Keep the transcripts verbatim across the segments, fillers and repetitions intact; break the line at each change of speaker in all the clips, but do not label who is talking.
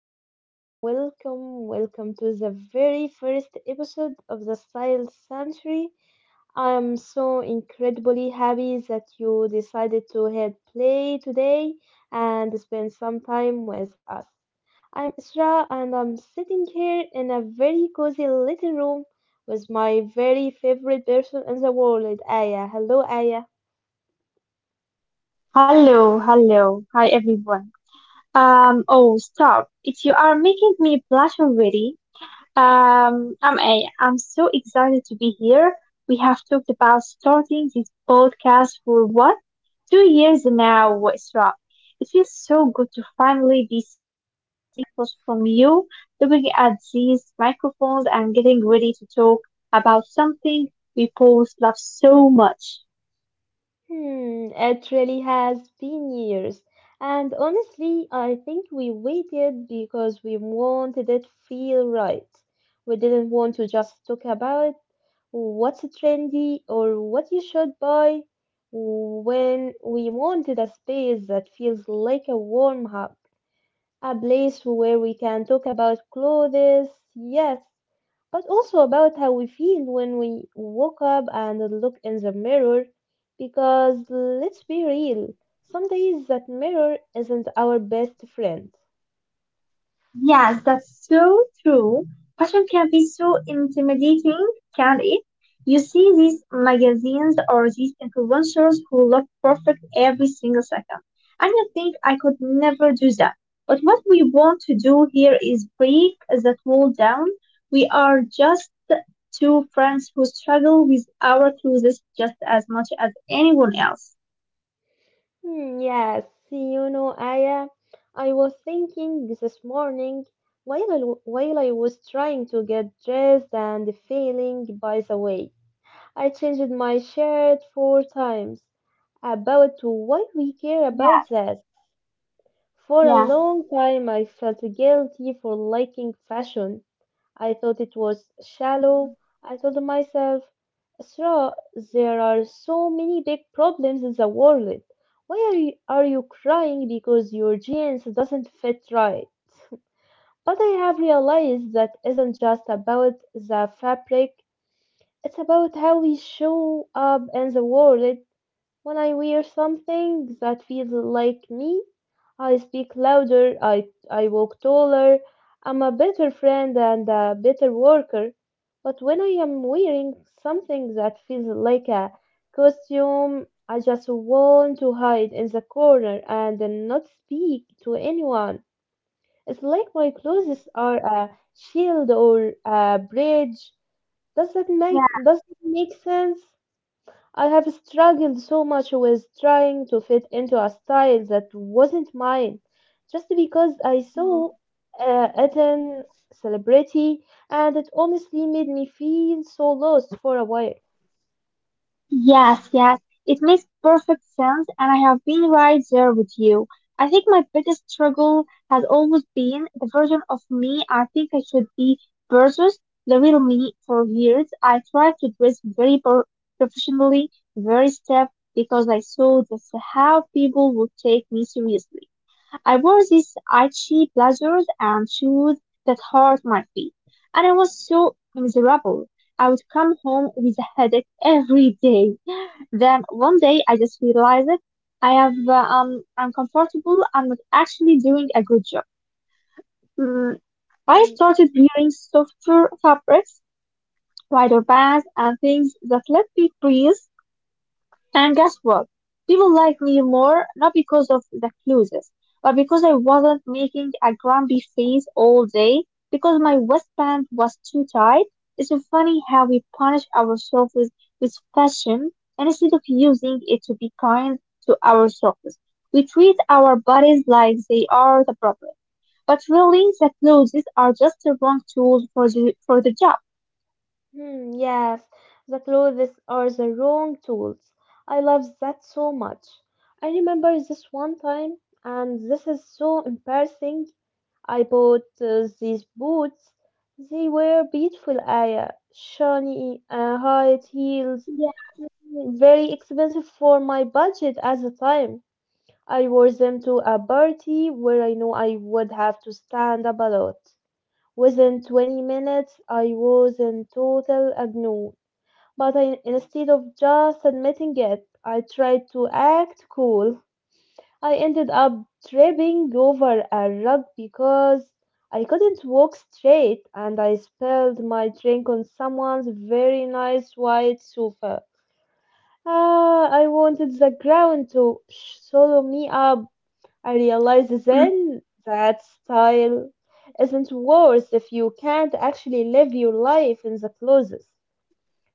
everyone, welcome, welcome to the very first episode of the Style Century. I am so incredibly happy that you decided to hit play today and spend some time with us. I'm Isra and I'm sitting here in a very cozy little room with my very favorite person in the world, Aya. Hello, Aya.
Hello, hello. Hi, everyone. Um, oh, stop. It You are making me blush already. Um, I'm a, I'm so excited to be here. We have talked about starting this podcast for what? Two years now, Isra. It feels so good to finally be sitting across from you, looking at these microphones and getting ready to talk about something we both love so much.
Hmm, it really has been years. And honestly, I think we waited because we wanted it feel right. We didn't want to just talk about what's trendy or what you should buy when we wanted a space that feels like a warm hub a place where we can talk about clothes, yes, but also about how we feel when we woke up and look in the mirror. Because let's be real, some days that mirror isn't our best friend.
Yes, that's so true. Fashion can be so intimidating, can't it? You see these magazines or these influencers who look perfect every single second. And you think I could never do that. But what we want to do here is break that wall down. We are just two friends who struggle with our clothes just as much as anyone else.
Hmm, yes, you know, Aya, I was thinking this morning while I, while I was trying to get dressed and failing by the way. I changed my shirt four times about why we care about
Yes,
that. For a
yes,
long time, I felt guilty for liking fashion. I thought it was shallow. I told myself, Sra, there are so many big problems in the world. Why are you, are you crying because your jeans doesn't fit right? But I have realized that isn't just about the fabric, it's about how we show up in the world. When I wear something that feels like me, I speak louder, I, I walk taller, I'm a better friend and a better worker. But when I am wearing something that feels like a costume, I just want to hide in the corner and not speak to anyone. It's like my clothes are a shield or a bridge. Does that make
yes.
does it make sense? I have struggled so much with trying to fit into a style that wasn't mine, just because I saw uh, it in celebrity, and it honestly made me feel so lost for a while.
Yes, yes, it makes perfect sense, and I have been right there with you. I think my biggest struggle has always been the version of me I think I should be versus the real me for years. I tried to dress very pro- professionally, very stiff, because I saw that's how people would take me seriously. I wore these itchy blazers and shoes that hurt my feet, and I was so miserable. I would come home with a headache every day. Then one day I just realized it. I have uh, um I'm comfortable. I'm not actually doing a good job. Mm, I
hmm
started wearing softer fabrics, wider bands, and things that let me breathe. And guess what? People liked me more, not because of the clothes, but because I wasn't making a grumpy face all day, because my waistband was too tight. It's so funny how we punish ourselves with, with fashion, and instead of using it to be kind to ourselves, we treat our bodies like they are the problem. But really, the clothes are just the wrong tools for the for the job.
hmm, yes, the clothes are the wrong tools. I love that so much. I remember this one time, and this is so embarrassing I bought uh, these boots. They were beautiful, I uh, shiny uh, high heels,
Yeah.
very expensive for my budget at the time. I wore them to a party where I know I would have to stand up a lot. Within twenty minutes, I was in total agony. But I, instead of just admitting it, I tried to act cool. I ended up tripping over a rug because I couldn't walk straight and I spilled my drink on someone's very nice white sofa. Ah, I wanted the ground to swallow me up. I realized
Mhm.
then that style isn't worth if you can't actually live your life in the closet.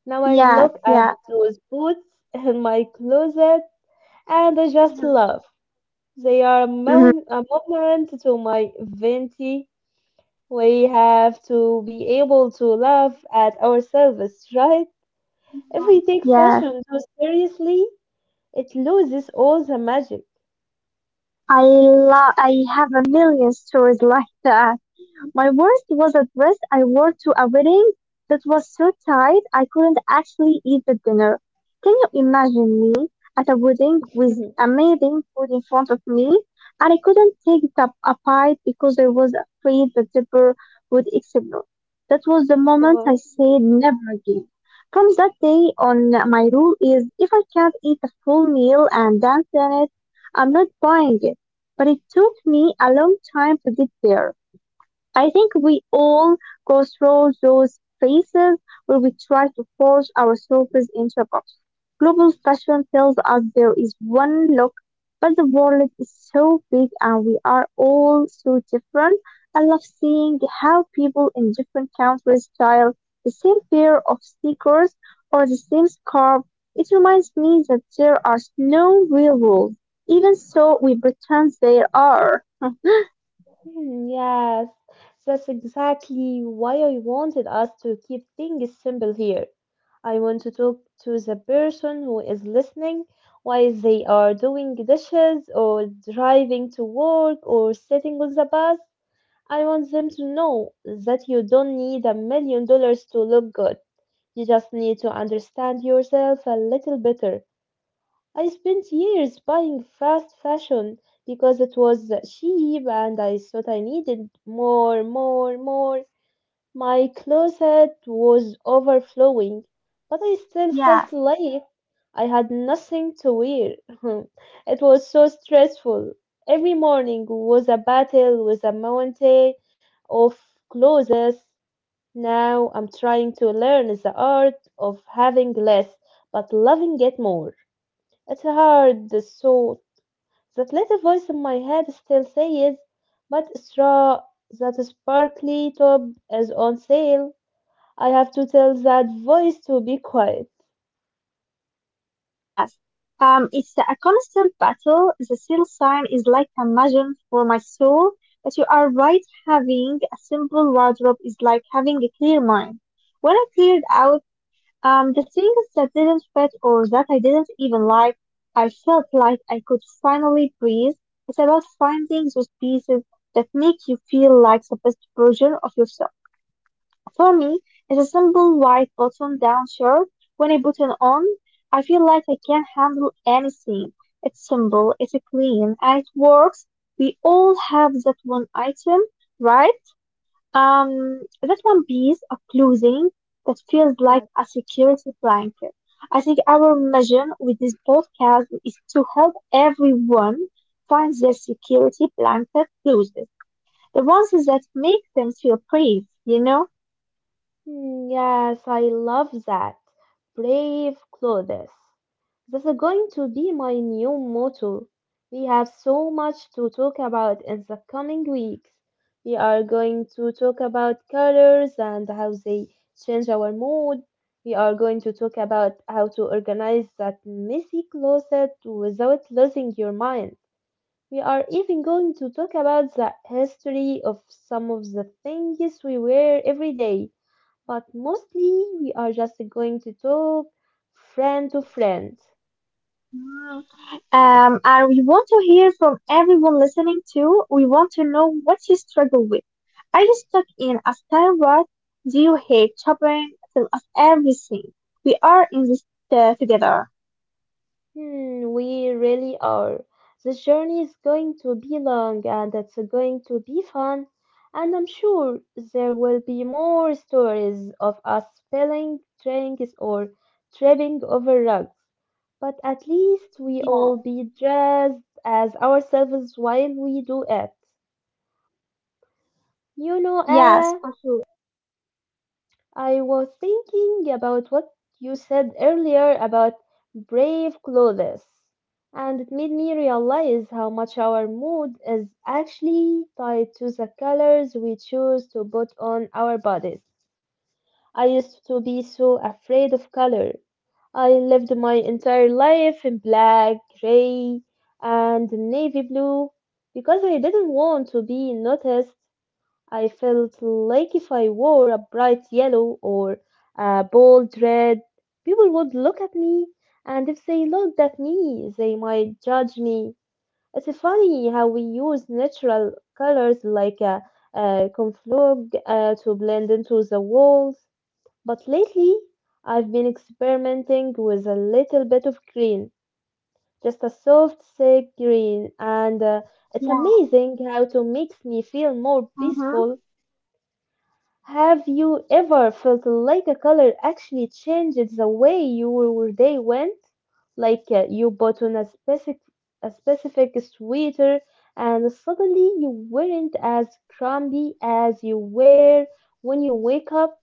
Now I
Yeah.
look at
Yeah.
those boots in my closet and I just
Mm-hmm.
laugh. They are a, mo-
Mm-hmm.
a moment to my venti. We have to be able to laugh at ourselves, right? If we take
Yeah.
fashion too seriously, it loses all the magic.
I love. I have a million stories like that. My worst was a dress I wore to a wedding that was so tight I couldn't actually eat the dinner. Can you imagine me at a wedding with
Mhm.
amazing food in front of me? And I couldn't take it up a bite because I was afraid the zipper would explode. That was the moment I
Oh,
said never again. From that day on, my rule is if I can't eat a full meal and dance in it, I'm not buying it. But it took me a long time to get there. I think we all go through those phases where we try to force ourselves into a box. Global fashion tells us there is one look, but the world is so big and we are all so different. I love seeing how people in different countries style the same pair of sneakers or the same scarf. It reminds me that there are no real rules, even so we pretend there are.
mm, yes, that's exactly why I wanted us to keep things simple here. I want to talk to the person who is listening while they are doing dishes or driving to work or sitting on the bus. I want them to know that you don't need a million dollars to look good. You just need to understand yourself a little better. I spent years buying fast fashion because it was cheap and I thought I needed more, more, more. My closet was overflowing, but I still felt
Yeah.
like I had nothing to wear. It was so stressful. Every morning was a battle with a mountain of clothes. Now I'm trying to learn the art of having less but loving it more. It's hard, so that little voice in my head still says, but straw that sparkly top is on sale. I have to tell that voice to be quiet.
Um, it's a constant battle. The seal sign is like a magnet for my soul. But you are right, having a simple wardrobe is like having a clear mind. When I cleared out um, the things that didn't fit or that I didn't even like, I felt like I could finally breathe. It's about finding those pieces that make you feel like the best version of yourself. For me, it's a simple white button-down shirt. When I put it on, I feel like I can handle anything. It's simple, it's clean, and it works. We all have that one item, right? Um, that one piece of clothing that feels like a security blanket. I think our mission with this podcast is to help everyone find their security blanket clothes, the ones that make them feel brave, you know?
Hmm, Yes, I love that. Brave Clothes. This is going to be my new motto. We have so much to talk about in the coming weeks. We are going to talk about colors and how they change our mood. We are going to talk about how to organize that messy closet without losing your mind. We are even going to talk about the history of some of the things we wear every day but mostly we are just going to talk friend to friend.
Mm. Um, and we want to hear from everyone listening too. We want to know what you struggle with. Are you stuck in a style rut? Do you hate shopping? Tell us everything. We are in this uh, together.
Hmm, we really are. The journey is going to be long and it's going to be fun, and I'm sure there will be more stories of us spelling drinks or tripping over rugs. But at least we
Yeah,
all be dressed as ourselves while we do it. You know, Aya,
yes, for sure.
I was thinking about what you said earlier about brave clothes, and it made me realize how much our mood is actually tied to the colors we choose to put on our bodies. I used to be so afraid of color. I lived my entire life in black, gray, and navy blue because I didn't want to be noticed I felt like if I wore a bright yellow or a bold red, people would look at me, and if they looked at me, they might judge me. It's funny how we use natural colors like a, a conflug uh, to blend into the walls, but lately I've been experimenting with a little bit of green, just a soft, sick green, and uh, it's
Yeah.
amazing how it makes me feel more
Mm-hmm.
peaceful have you ever felt like a color actually changed the way your day went? Like uh, you bought on a specific a specific sweater and suddenly you weren't as crumbly as you were when you wake up?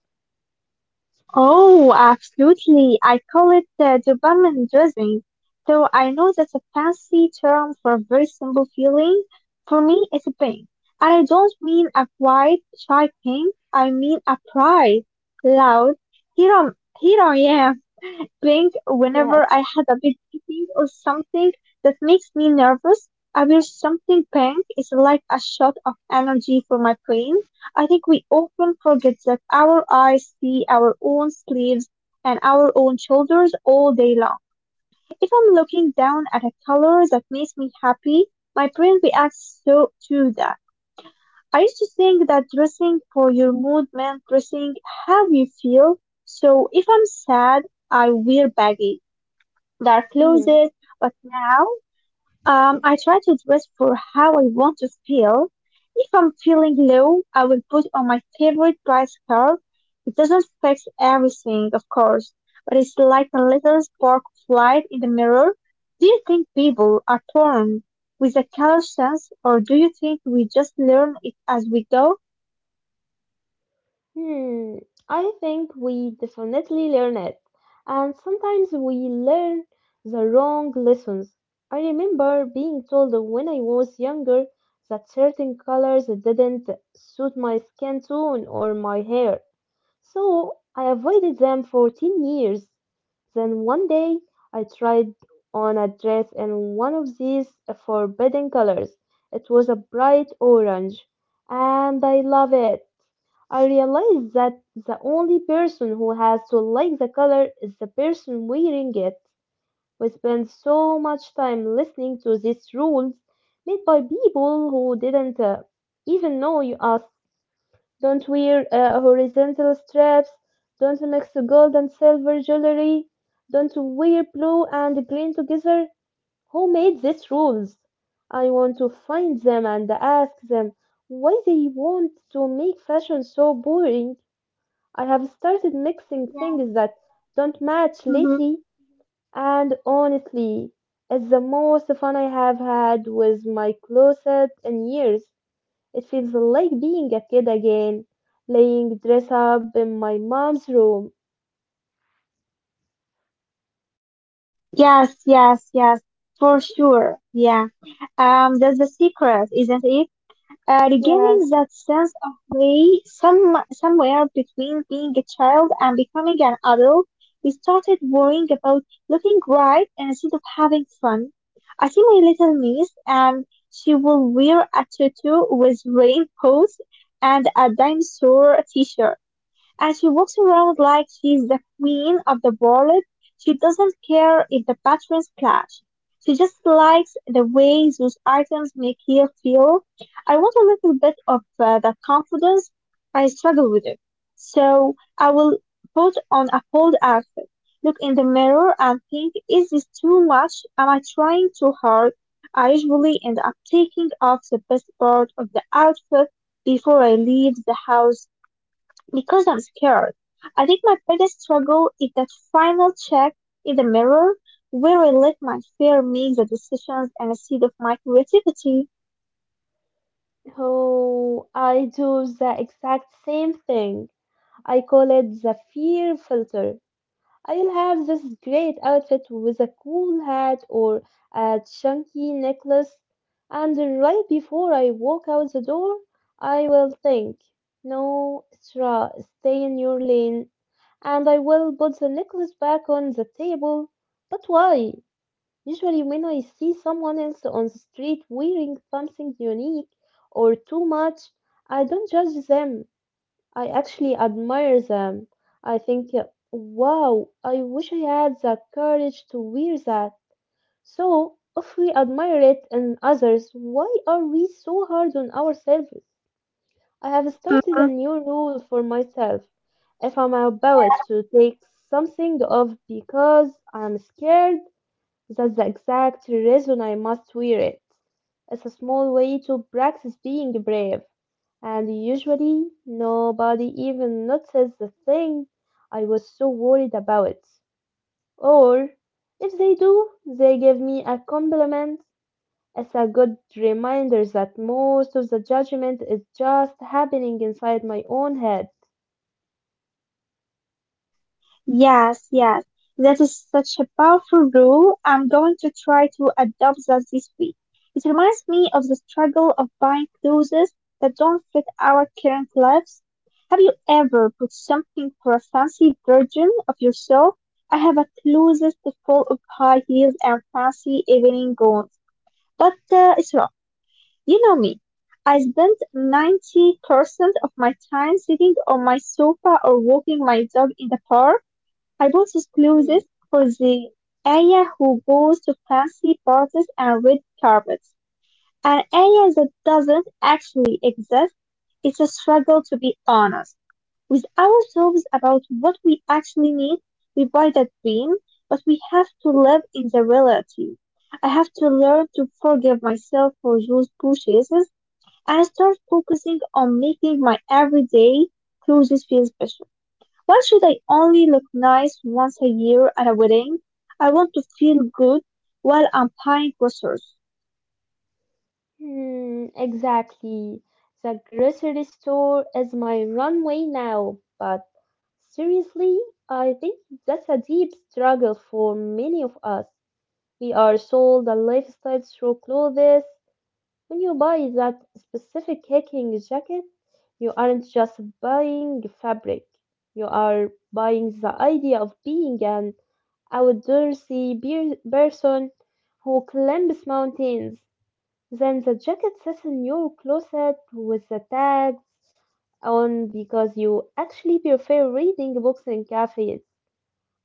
Oh, absolutely. I call it the dopamine dressing, though I know that's a fancy term for a very simple feeling. For me, it's a pain. And I don't mean a quiet, shy pain. I mean a pride. Loud. Here, I'm, here I am playing whenever
Yeah.
I had a big meeting or something that makes me nervous. I wish something pink. Is like a shot of energy for my brain. I think we often forget that our eyes see our own sleeves and our own shoulders all day long. If I'm looking down at a color that makes me happy, my brain reacts so to that. I used to think that dressing for your mood meant dressing how you feel. So if I'm sad, I wear baggy their clothes, but now um, I try to dress for how I want to feel. If I'm feeling low, I will put on my favorite bright scarf. It doesn't fix everything, of course, but it's like a little spark of light in the mirror. Do you think people are born with a color sense, or do you think we just learn it as we go?
Hmm, I think we definitely learn it, and sometimes we learn the wrong lessons. I remember being told when I was younger that certain colors didn't suit my skin tone or my hair, so I avoided them for ten years. Then one day I tried on a dress in one of these forbidden colors. It was a bright orange, and I love it. I realized that the only person who has to like the color is the person wearing it. We spend so much time listening to these rules made by people who didn't uh, even know you us. Don't wear uh, horizontal straps. Don't mix gold and silver jewelry. Don't wear blue and green together. Who made these rules? I want to find them and ask them why they want to make fashion so boring. I have started mixing
Yeah.
things that don't match
Hmm.
lately, and honestly, it's the most fun I have had with my closet in years. It feels like being a kid again, laying dress up in my mom's room.
Yes, yes, yes, for sure. Yeah. Um, that's the secret, isn't it? Uh, regaining
Yes,
that sense of play some, somewhere between being a child and becoming an adult, we started worrying about looking right instead of having fun. I see my little niece, and she will wear a tutu with rainbows and a dinosaur t shirt. And she walks around like she's the queen of the world. She doesn't care if the patterns clash. She just likes the way those items make her feel. I want a little bit of uh, that confidence. I struggle with it. So I will put on a bold outfit, look in the mirror and think, is this too much? Am I trying too hard? I usually end up taking off the best part of the outfit before I leave the house because I'm scared. I think my biggest struggle is that final check in the mirror where I let my fear make the decisions and instead of my creativity.
oh, I do the exact same thing. I call it the fear filter. I'll have this great outfit with a cool hat or a chunky necklace, and right before I walk out the door, I will think, no, Isra, stay in your lane, and I will put the necklace back on the table. But why? Usually, when I see someone else on the street wearing something unique or too much, I don't judge them. I actually admire them. I think, uh, wow, I wish I had the courage to wear that. So, if we admire it in others, why are we so hard on ourselves? I have started a
Mm-hmm.
new rule for myself. If I'm about
Yeah,
to take something off because I'm scared, that's the exact reason I must wear it. It's a small way to practice being brave. And usually nobody even notices the thing I was so worried about. Or if they do, they give me a compliment as a good reminder that most of the judgment is just happening inside my own head.
yes, yes. That is such a powerful rule. I'm going to try to adopt that this week. It reminds me of the struggle of buying clothes that don't fit our current lives. Have you ever put something for a fancy version of yourself? I have a closet full of high heels and fancy evening gowns, but uh, it's wrong. You know me. I spend ninety percent of my time sitting on my sofa or walking my dog in the park. I bought
Hmm,
exclusive for the area who goes to fancy parties and red carpets. An area that doesn't actually exist. It's a struggle to be honest with ourselves about what we actually need. We buy the dream, but we have to live in the reality. I have to learn to forgive myself for those purchases and start focusing on making my everyday clothes feel special. Why should I only look nice once a year at a wedding? I want to feel good while I'm buying groceries.
hmm, exactly. The grocery store is my runway now, but seriously, I think that's a deep struggle for many of us. We are sold a lifestyle through clothes. When you buy that specific hiking jacket, you aren't just buying fabric, you are buying the idea of being an outdoorsy beer- person who climbs mountains. Then the jacket sits in your closet with the tags on because you actually prefer reading books in cafes.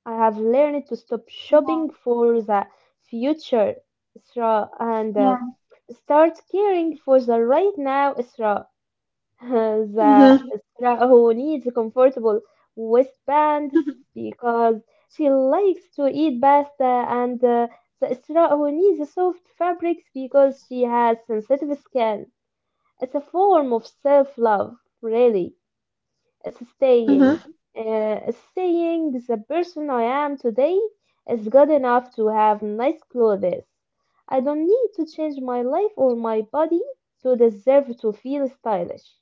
I have learned to stop
Yeah.
shopping for the future, Isra, and uh, start caring for the right now, Isra.
Yeah.
The Isra who needs comfortable waistbands
Mm-hmm.
because she likes to eat pasta, and uh, the Isra who needs soft fabrics because she has sensitive skin. It's a form of self love, really. It's saying, uh, it's saying the person I am today is good enough to have nice clothes. I don't need to change my life or my body to deserve to feel stylish.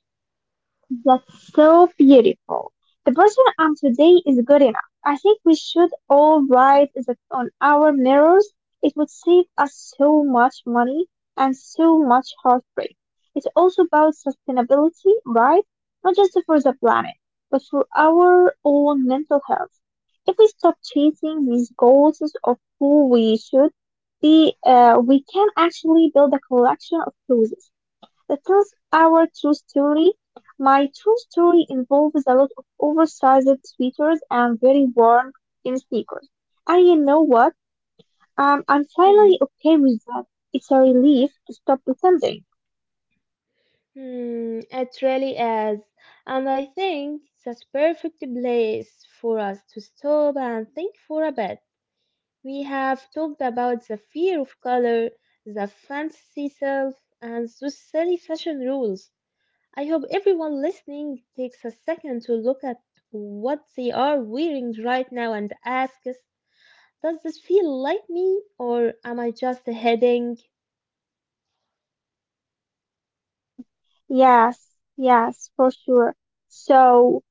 That's so beautiful. The person I'm today is good enough. I think we should all write that on our mirrors. It would save us so much money and so much heartbreak. It's also about sustainability, right? Not just for the planet, but for our own mental health. If we stop chasing these goals of who we should be, uh, we can actually build a collection of clothes the term "our true story", "my true story" involves a lot of oversized sweaters and very worn in sneakers. And you know what? Um, I'm
Hmm.
finally okay with that. It's a relief to stop pretending.
Hmm. It really is. And I think that's perfect place for us to stop and think for a bit. We have talked about the fear of color, the fancy self, and those silly fashion rules. I hope everyone listening takes a second to look at what they are wearing right now and asks, does this feel like me or am I just a headache?
Mm, yes, yes, for sure. So,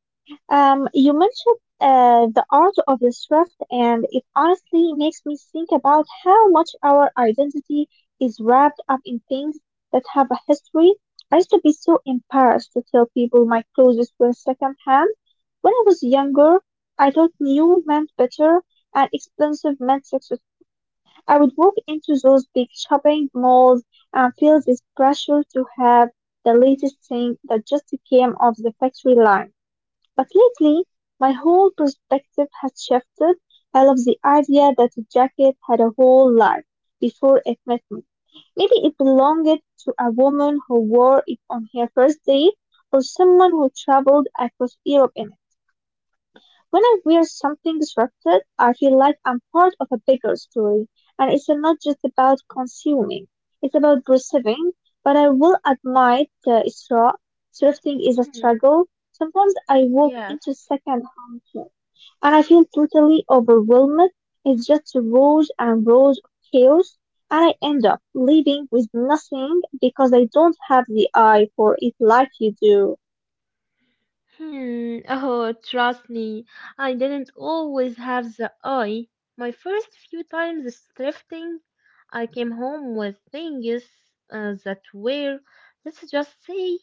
Um, you mentioned uh, the art of the swift, and it honestly makes me think about how much our identity is wrapped up in things that have a history. I used to be so embarrassed to tell people my clothes were secondhand. When I was younger, I thought new meant better and expensive meant success. I would walk into those big shopping malls and feel this pressure to have the latest thing that just came off the factory line. But lately, my whole perspective has shifted. I love the idea that a jacket had a whole life before it met me. Maybe it belonged to a woman who wore it on her first date or someone who traveled across Europe in it. When I wear something disruptive, I feel like I'm part of a bigger story, and it's not just about consuming, it's about receiving. But I will admit uh, it's raw. Thrifting is a
Hmm,
struggle. Sometimes I walk
yes.
into second-hand shop and I feel totally overwhelmed. It's just rows and rows of chaos, and I end up leaving with nothing because I don't have the eye for it like you do.
Hmm, oh, trust me, I didn't always have the eye. My first few times thrifting, I came home with things uh, that were, let's just say,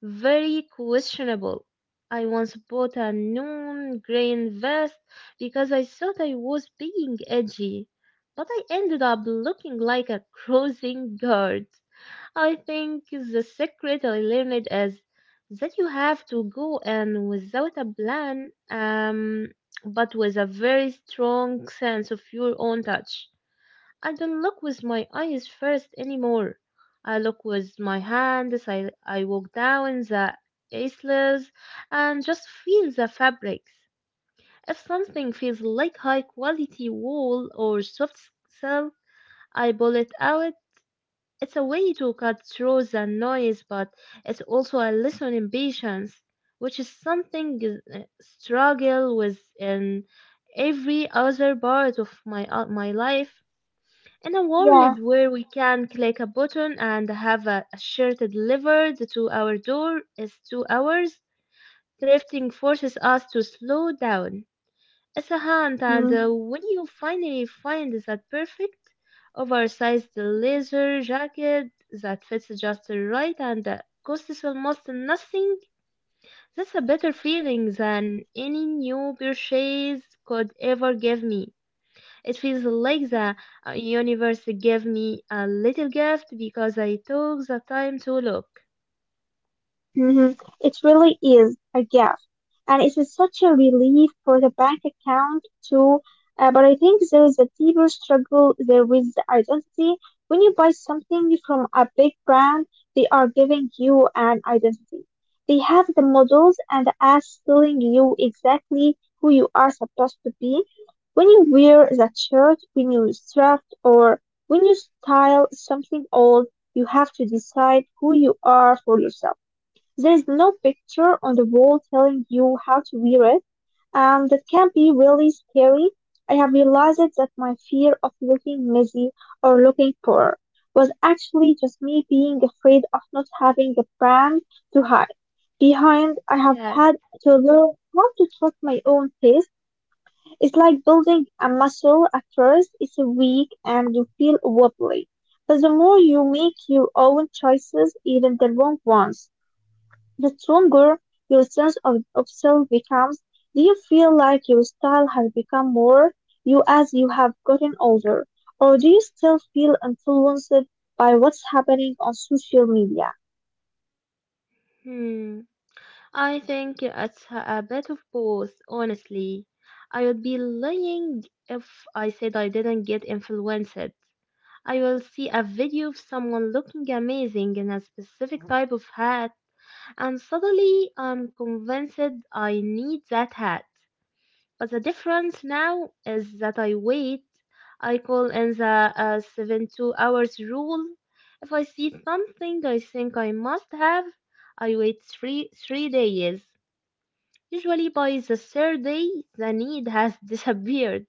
Very questionable. I once bought a neon green vest because I thought I was being edgy, but I ended up looking like a crossing guard. I think the secret I learned is that you have to go in without a plan, um, but with a very strong sense of your own touch. I don't look with my eyes first anymore. I look with my hands. I, I walk down the aisles and just feel the fabrics. If something feels like high quality wool or soft silk, I pull it out. It's a way to cut through the noise, but it's also a lesson in patience, which is something I struggle with in every other part of my uh, my life. In a
Yeah.
world where we can click a button and have a, a shirt delivered to our door in two hours, drifting forces us to slow down. It's a hunt, and uh,
Mhm.
when you finally find that perfect oversized leather jacket that fits just right and uh, costs almost nothing, that's a better feeling than any new purchase could ever give me. It feels like the uh, universe gave me a little gift because I took the time to look.
Hmm. It really is a gift, and it is such a relief for the bank account too. Uh, but I think there is a deeper struggle there with the identity. When you buy something from a big brand, they are giving you an identity. They have the models and the ads telling you exactly who you are supposed to be. When you wear that shirt, when you thrift, or when you style something old, you have to decide who you are for yourself. There is no picture on the wall telling you how to wear it, and that can be really scary. I have realized that my fear of looking messy or looking poor was actually just me being afraid of not having a brand to hide behind. I have
Yes.
had to learn how to trust my own taste. It's like building a muscle. At first, it's weak and you feel wobbly. But the more you make your own choices, even the wrong ones, the stronger your sense of, of self becomes. Do you feel like your style has become more you as you have gotten older? Or do you still feel influenced by what's happening on social media?
Hmm. I think it's a bit of both, honestly. I would be lying if I said I didn't get influenced. I will see a video of someone looking amazing in a specific type of hat, and suddenly I'm convinced I need that hat. But the difference now is that I wait. I call in the uh, seven two hours rule. If I see something I think I must have, I wait three, three days. Usually by the third day, the need has disappeared.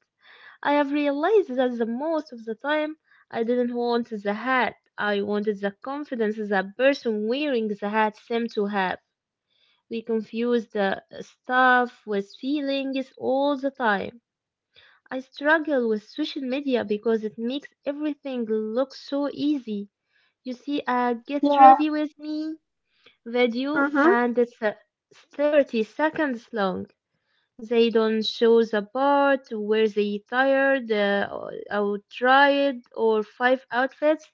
I have realized that the most of the time, I didn't want the hat. I wanted the confidence the person wearing the hat seemed to have. We confuse the stuff with feelings all the time. I struggle with social media because it makes everything look so easy. You see a get
Yeah.
ready with me video
Mm-hmm.
and it's uh, thirty seconds long. They don't show the part where they tired, uh, or or tried, or five outfits,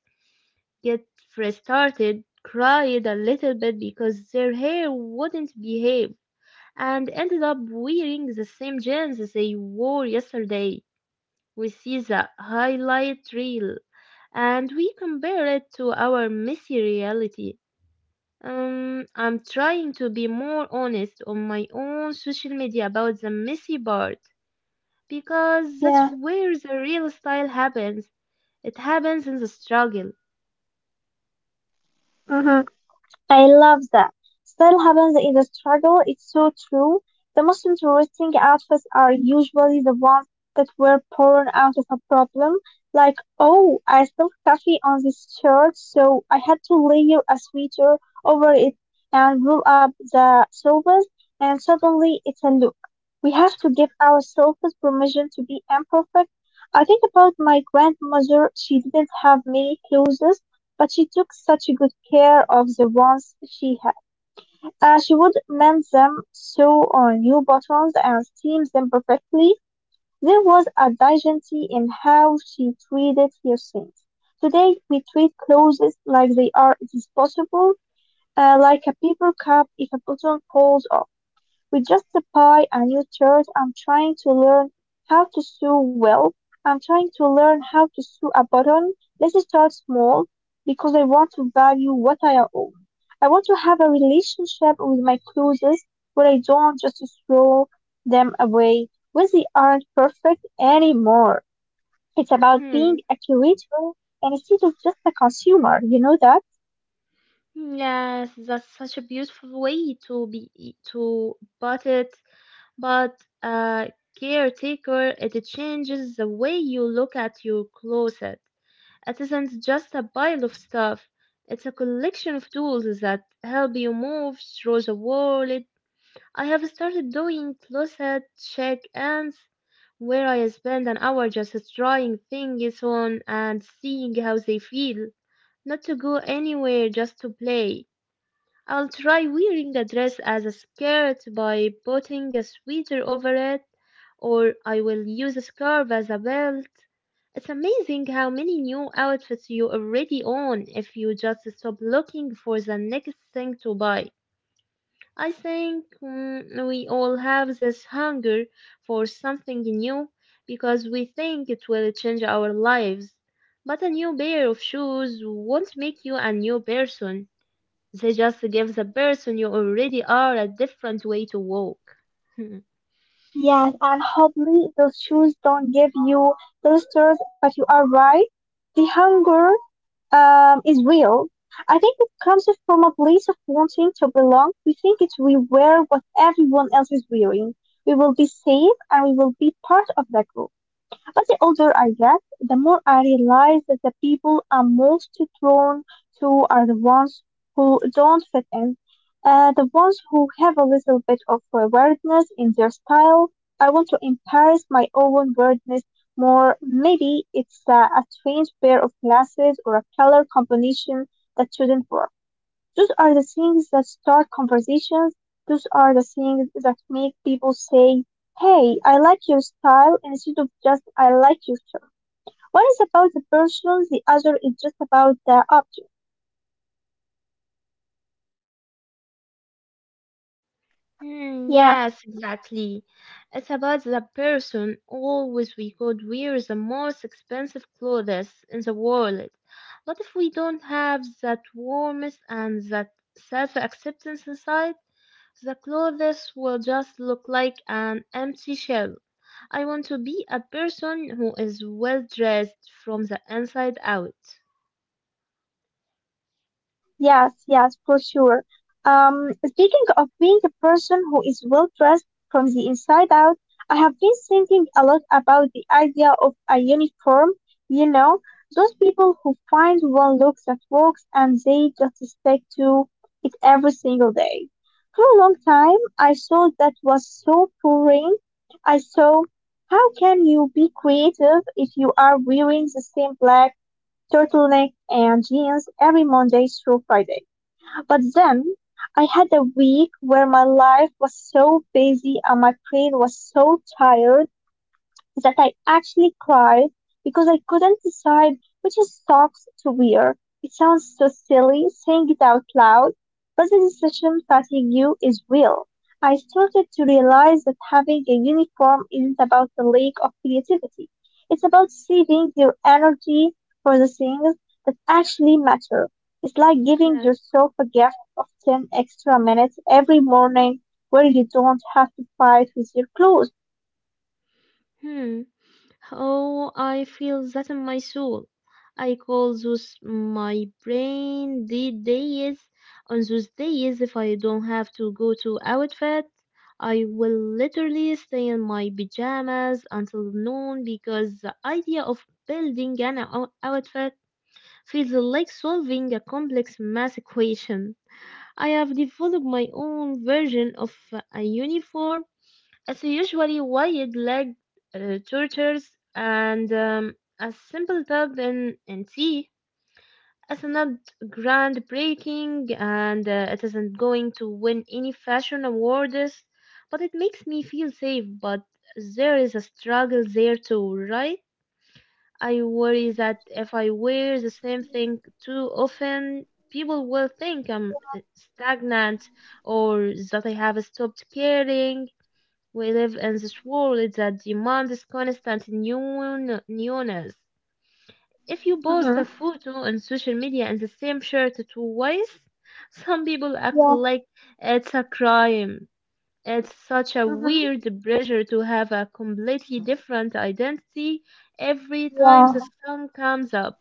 get restarted, cried a little bit because their hair wouldn't behave, and ended up wearing the same jeans they wore yesterday. We see the highlight reel and we compare it to our messy reality. Um, I'm trying to be more honest on my own social media about the messy part because that's
Yeah.
where the real style happens. It happens in the struggle.
Mm-hmm. I love that. Style happens in the struggle. It's so true. The most interesting outfits are usually the ones that were born out of a problem. Like, oh, I spilled coffee on this shirt, so I had to layer a sweater over it and roll up the shoulders, and suddenly it's a look. We have to give ourselves permission to be imperfect. I think about my grandmother. She didn't have many clothes, but she took such good care of the ones she had. Uh, she would mend them, sew on new buttons, and steam them perfectly. There was a dignity in how she treated her things. Today, we treat clothes like they are disposable, uh, like a paper cup. If a button falls off with just a pie and new shirt. I'm trying to learn how to sew well. I'm trying to learn how to sew a button. Let's start small because I want to value what I own. I want to have a relationship with my clothes where I don't just throw them away when they aren't perfect anymore. It's about being
Hmm.
a curator and instead of just a consumer. You know that?
Yes, that's such a beautiful way to be to put it, but uh, caretaker, it changes the way you look at your closet. It isn't just a pile of stuff, it's a collection of tools that help you move through the world. I have started doing closet check-ins where I spend an hour just trying things on and seeing how they feel. Not to go anywhere, just to play. I'll try wearing a dress as a skirt by putting a sweater over it, or I will use a scarf as a belt. It's amazing how many new outfits you already own if you just stop looking for the next thing to buy. I think mm, we all have this hunger for something new because we think it will change our lives. But a new pair of shoes won't make you a new person. They just give the person you already are a different way to walk.
Yes, and hopefully those shoes don't give you those thirst, but you are right. The hunger um, is real. I think it comes from a place of wanting to belong. We think if we wear what everyone else is wearing, we will be safe and we will be part of the group. But the older I get, the more I realize that the people I'm most drawn to are the ones who don't fit in, uh, the ones who have a little bit of uh, weirdness in their style. I want to embrace my own weirdness more. Maybe it's uh, a strange pair of glasses or a color combination that shouldn't work. Those are the things that start conversations. Those are the things that make people say, "Hey, I like your style," instead of just, "I like your shirt." One is about the person, the other is just about the object.
Hmm,
Yeah.
yes, exactly. It's about the person always we could wear the most expensive clothes in the world. But if we don't have that warmth and that self acceptance inside, the clothes will just look like an empty shell. I want to be a person who is well dressed from the inside out.
Yes, yes, for sure. Um, speaking of being a person who is well dressed from the inside out, I have been thinking a lot about the idea of a uniform. You know, those people who find one look that works and they just stick to it every single day. For a long time, I thought that was so boring. I thought, how can you be creative if you are wearing the same black turtleneck and jeans every Monday through Friday? But then I had a week where my life was so busy and my brain was so tired that I actually cried because I couldn't decide which socks to wear. It sounds so silly saying it out loud, but the decision fatigue you is real. I started to realize that having a uniform isn't about the lack of creativity. It's about saving your energy for the things that actually matter. It's like giving
Yes.
yourself a gift of ten extra minutes every morning where you don't have to fight with your clothes.
Hmm. Oh, I feel that in my soul. I call those my brain the days. On those days, if I don't have to go to outfit, I will literally stay in my pajamas until noon because the idea of building an ou- outfit feels like solving a complex math equation. I have developed my own version of a uniform. It's usually wide-legged uh, tortoise and um, a simple tub in, in tea. It's not groundbreaking and uh, it isn't going to win any fashion awards, but it makes me feel safe. But there is a struggle there too, right? I worry that if I wear the same thing too often, people will think I'm uh, stagnant or that I have stopped caring. We live in this world that demands constant new newness. If you post a
Mm-hmm.
photo on social media and the same shirt twice, some people act
Yeah.
like it's a crime. It's such a
嗯哼，
weird pressure to have a completely different identity every
有。
time the sun comes up.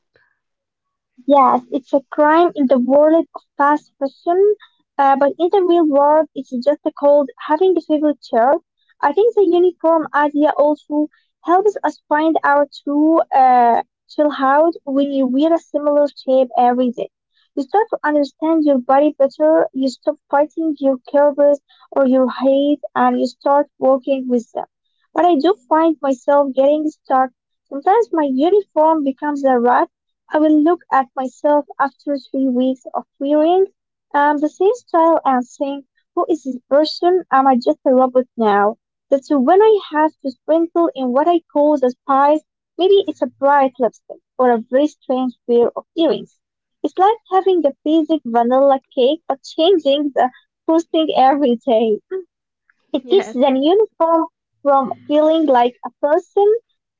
Yes, it's a crime in the world of fast fashion, uh, but in the real world, it's just called having a favorite shirt. I think the uniform idea also helps us find our true uh, chill out. When you wear a similar shape every day, you start to understand your body better, you stop fighting your curves or your height, and you start working with them. But I do find myself getting stuck. Sometimes my uniform becomes a rat. I will look at myself after three weeks of wearing um, the same style and think, who is this person? Am I just a robot now? That's when I have to sprinkle in what I call the spice. Maybe it's a bright lipstick or a very strange pair of earrings. It's like having a basic vanilla cake but changing the frosting every day. It keeps
Yes.
the uniform from feeling like a person.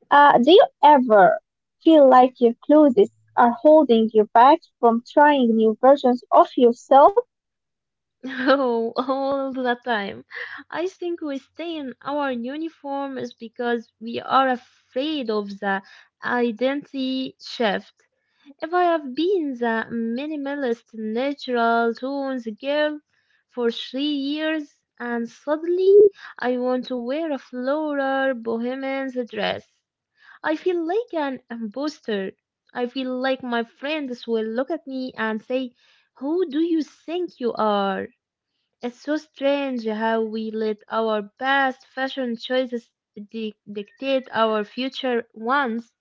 uh, Do you ever feel like your clothes are holding you back from trying new versions of yourself?
Oh, all the time. I think we stay in our uniform is because we are afraid of the identity shift. If I have been the minimalist natural tones girl for three years and suddenly I want to wear a floral bohemian's dress, I feel like an imposter. I feel like my friends will look at me and say, Who do you think you are? It's so strange how we let our past fashion choices di- dictate our future ones.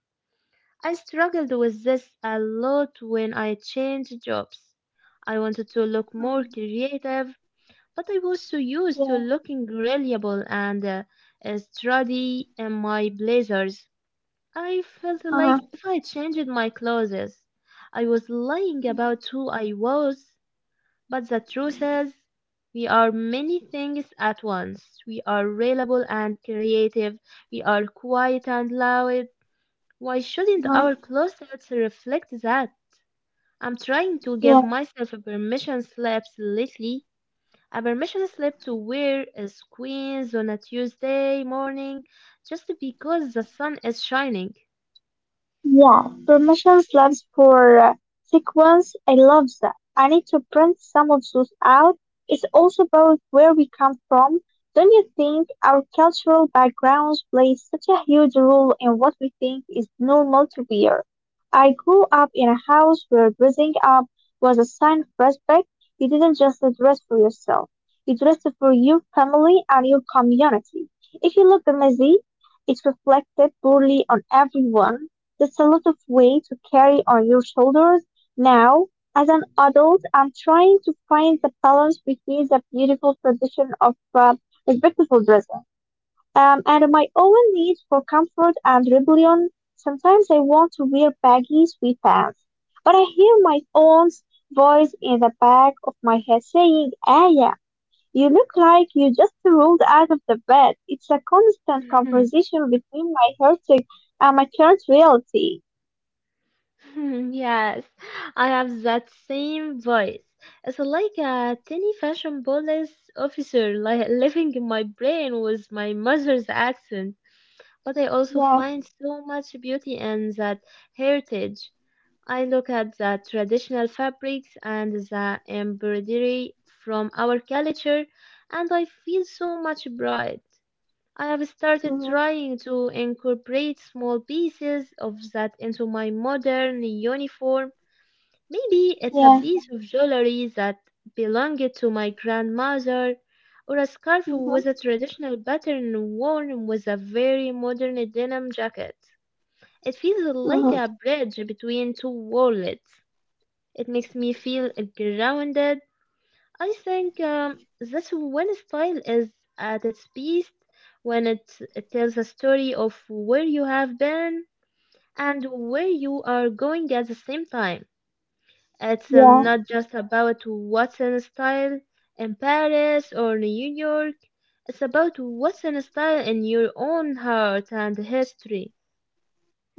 I struggled with this a lot when I changed jobs. I wanted to look more
Mhm.
creative, but I was so used to
Yeah.
looking reliable and uh, uh, sturdy in my blazers. I felt
Uh-huh.
like if I changed my clothes, I was lying about who I was. But the truth is, we are many things at once. We are reliable and creative. We are quiet and loud. Why shouldn't
Uh-huh.
our closets reflect that? I'm trying to give myself a permission slip lately. A permission slip to wear a squeeze on a Tuesday morning just because the sun is shining.
Yeah, permission slips for uh, sequence. I love that. I need to print some of those out. It's also about where we come from. Don't you think our cultural backgrounds play such a huge role in what we think is normal to wear? I grew up in a house where dressing up was a sign of respect. You didn't just dress for yourself. You dressed for your family and your community. If you looked messy, it reflected poorly on everyone. That's a lot of weight to carry on your shoulders. Now, as an adult, I'm trying to find the balance between the beautiful tradition of uh, respectful dressing um, and my own need for comfort and rebellion. Sometimes I want to wear baggy sweatpants, but I hear my own voice in the back of my head saying, "Aya, you look like you just rolled out of the bed." It's a constant conversation between my heritage and my current reality.
Hmm, yes, I have that same voice. It's like a tiny fashion police officer, like living in my brain with my mother's accent. But I also
Yeah.
find so much beauty in that heritage. I look at the traditional fabrics and the embroidery from our culture, and I feel so much pride. I have started
Mhm.
trying to incorporate small pieces of that into my modern uniform. Maybe it's a
Yes.
piece of jewelry that belonged to my grandmother, or a scarf
Mhm.
with a traditional pattern worn with a very modern denim jacket. It feels like
Mhm.
a bridge between two worlds. It makes me feel grounded. I think um, that's when style is at its best, when it, it tells a story of where you have been and where you are going at the same time. It's um,
Yeah.
not just about what's in style in Paris or New York. It's about what's in style in your own heart and history.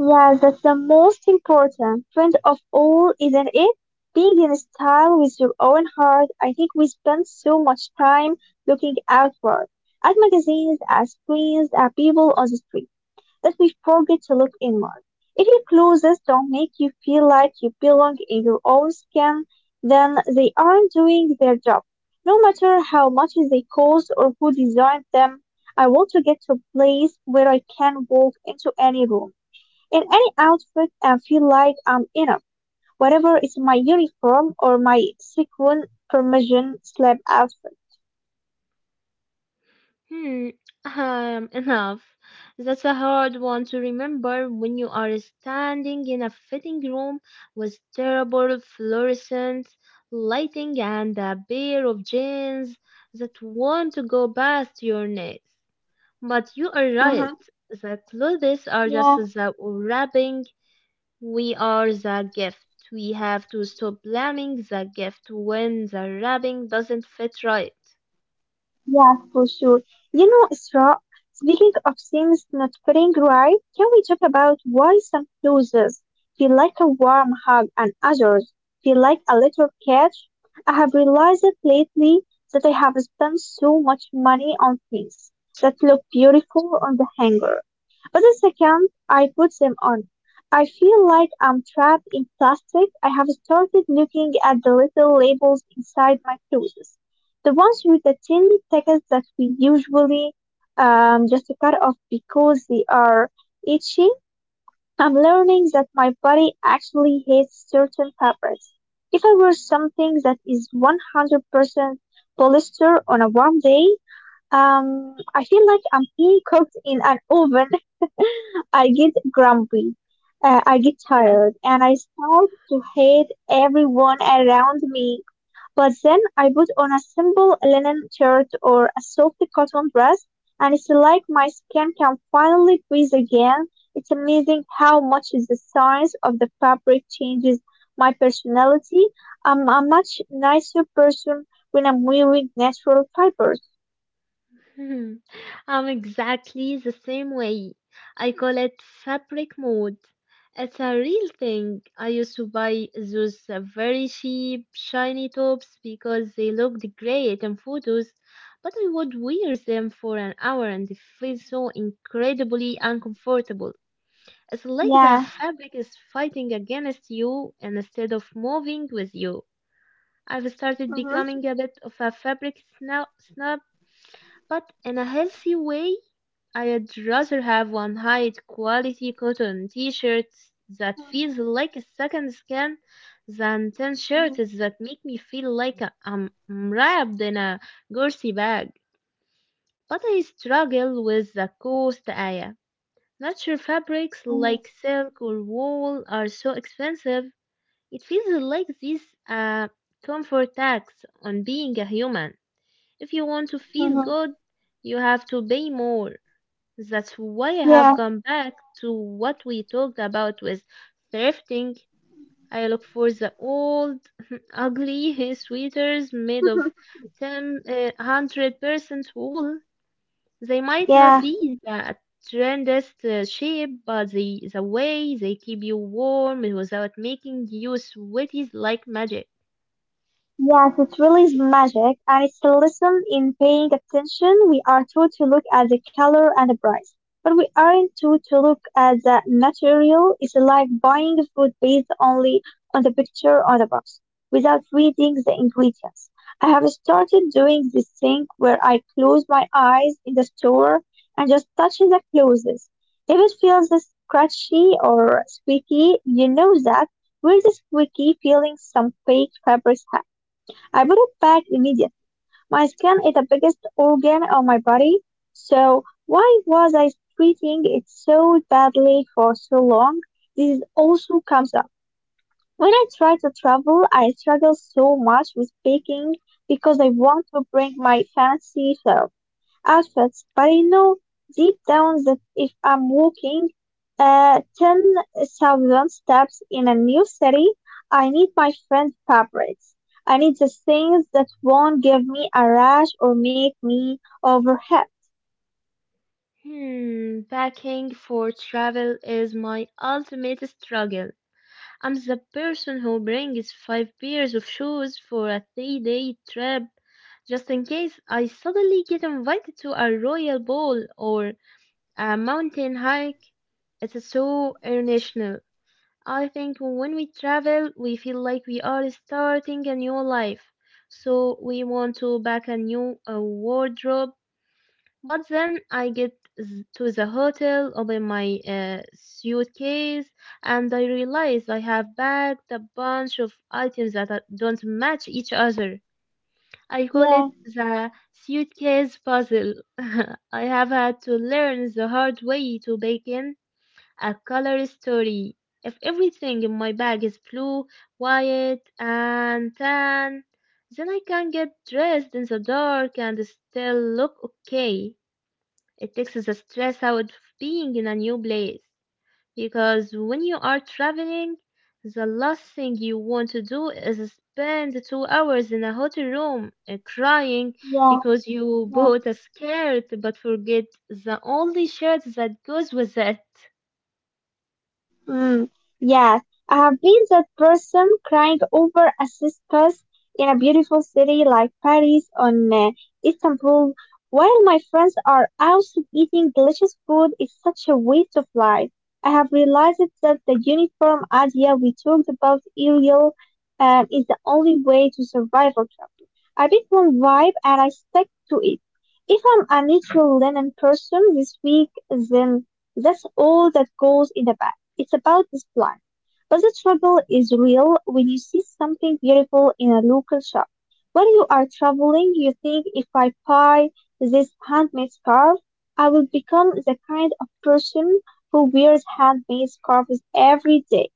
Yeah. That's the most important. Friend of all, isn't it? Being in style with your own heart. I think we spend so much time looking outward at magazines, at screens, at people on the street, that we forget to look inward. If your clothes don't make you feel like you belong in your own skin, then they aren't doing their job, no matter how much they cost or who designed them. I want to get to a place where I can walk into any room, in any outfit, and feel like I'm enough, whatever is my uniform or my sequin permission slab outfit.
Hmm, um, enough. That's a hard one to remember when you are standing in a fitting room with terrible fluorescent lighting and a pair of jeans that want to go past your knees. But you are right.
Mm-hmm.
The clothes are just the wrapping. We are the gift. We have to stop blaming the gift when the wrapping doesn't fit right.
Yeah, for sure. You know, Isra, speaking of things not feeling right, can we talk about why some clothes feel like a warm hug and others feel like a little catch? I have realized it lately that I have spent so much money on things that look beautiful on the hanger, but the second I put them on, I feel like I'm trapped in plastic. I have started looking at the little labels inside my clothes, the ones with the tiny tickets that we usually um, just cut off because they are itchy. I'm learning that my body actually hates certain fabrics. If I wear something that is one hundred percent polyester on a warm day, um, I feel like I'm being cooked in an oven. I get grumpy, uh, I get tired, and I start to hate everyone around me. But then I put on a simple linen shirt or a soft cotton dress, and it's like my skin can finally breathe again. It's amazing how much the science of the fabric changes my personality. I'm a much nicer person when I'm wearing natural fibers.
Hmm, I'm exactly the same way. I call it fabric mode. It's a real thing. I used to buy those uh, very cheap, shiny tops because they looked great in photos, but I would wear them for an hour and they feel so incredibly uncomfortable. It's like the
Yeah.
fabric is fighting against you instead of moving with you. I've started
Mm-hmm.
becoming a bit of a fabric snob, snob but in a healthy way. I'd rather have one high quality cotton t-shirt that
Mm-hmm.
feels like a second skin than ten shirts that make me feel like I'm wrapped in a gorsey bag. But I struggle with the cost, Aya. Natural fabrics
Mm-hmm. Mm-hmm.
like silk or wool are so expensive. It feels like this uh, comfort tax on being a human. If you want to feel
Mm-hmm.
good, you have to pay more. That's why I have
Yeah.
gone back to what we talked about with thrifting. I look for the old, ugly sweaters made of
Mm-hmm.
ten, uh, one hundred percent wool. They might not
Yeah.
be the trendiest uh, shape, but the, the way they keep you warm without making you sweaty is like magic.
Yes, it really is magic, and it's a lesson in paying attention. We are taught to look at the color and the price, but we aren't taught to look at the material. It's like buying food based only on the picture on the box, without reading the ingredients. I have started doing this thing where I close my eyes in the store and just touch the clothes. If it feels scratchy or squeaky, you know that we're the squeaky feeling some fake fabrics, I put it back immediately. My skin is the biggest organ of my body, so why was I treating it so badly for so long? This also comes up when I try to travel. I struggle so much with baking because I want to bring my fancy self outfits, but I know deep down that if I'm walking uh, ten thousand steps in a new city, I need my friend's fabrics. I need the things that won't give me a rash or make me overheat.
Hmm, packing for travel is my ultimate struggle. I'm the person who brings five pairs of shoes for a three day trip just in case I suddenly get invited to a royal ball or a mountain hike. It's so international. I think when we travel, we feel like we are starting a new life. So we want to pack a new uh, wardrobe, but then I get z- to the hotel, open my uh, suitcase, and I realize I have packed a bunch of items that are- don't match each other.
Yeah,
I call it the suitcase puzzle. I have had to learn the hard way to bake in a color story. If everything in my bag is blue, white, and tan, then I can get dressed in the dark and still look okay. It takes the stress out of being in a new place. Because when you are traveling, the last thing you want to do is spend two hours in a hotel room uh, crying
yeah,
because you
yeah.
bought a skirt but forget the only shirt that goes with it.
Mm, yes, I have been that person crying over a cistern in a beautiful city like Paris or uh, Istanbul, while my friends are out eating delicious food. It's such a waste of life. I have realized that the uniform idea we talked about earlier um, is the only way to survive or travel. I pick one vibe and I stick to it. If I'm a neutral linen person this week, then that's all that goes in the bag. It's about display. But the trouble is real when you see something beautiful in a local shop. When you are traveling, you think, if I buy this handmade scarf, I will become the kind of person who wears handmade scarves every day.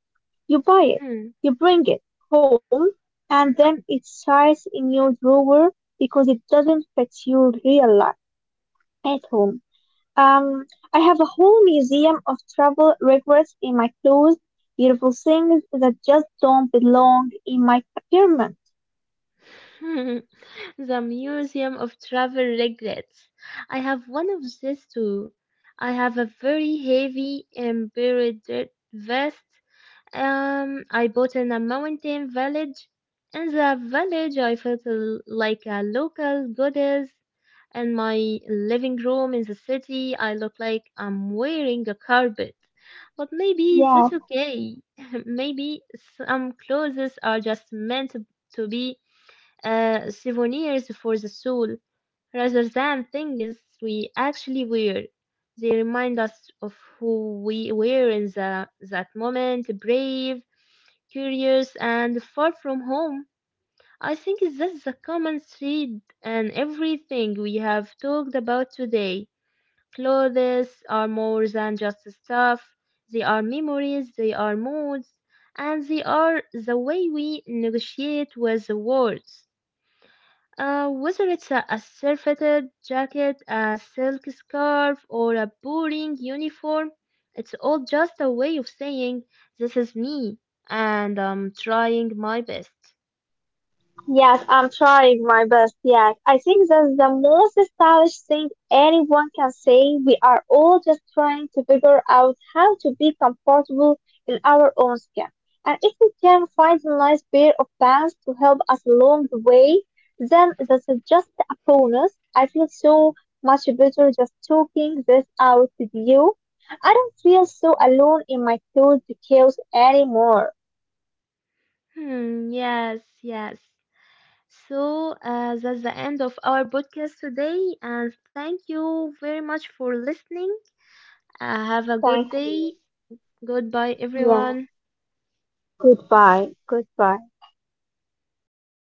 You buy it,
Hmm.
you bring it home, and then it sits in your drawer because it doesn't fit your real life at home. Um, I have a whole museum of travel regrets in my clothes, beautiful things that just don't belong in my apartment.
the Museum of Travel Regrets. I have one of these too. I have a very heavy embroidered vest. Um, I bought in a mountain village. In the village, I felt l- like a local goddess. In my living room in the city, I look like I'm wearing a carpet. But maybe
Yeah.
that's okay. maybe some clothes are just meant to to be uh, souvenirs for the soul rather than things we actually wear. They remind us of who we were in the, that moment, brave, curious, and far from home. I think that's the common thread in everything we have talked about today. Clothes are more than just stuff, they are memories, they are moods, and they are the way we negotiate with the world. Uh, whether it's a, a surfeited jacket, a silk scarf, or a boring uniform, it's all just a way of saying, This is me, and I'm trying my best.
Yes, I'm trying my best. Yes, I think that's the most stylish thing anyone can say. We are all just trying to figure out how to be comfortable in our own skin. And if we can find a nice pair of pants to help us along the way, then that's just a bonus. I feel so much better just talking this out with you. I don't feel so alone in my clothes chaos anymore.
Hmm, yes, yes. So, uh, that's the end of our podcast today, and thank you very much for listening. Uh, have a good
Thank
day.
you.
Goodbye,
Yeah.
everyone.
Goodbye. Goodbye.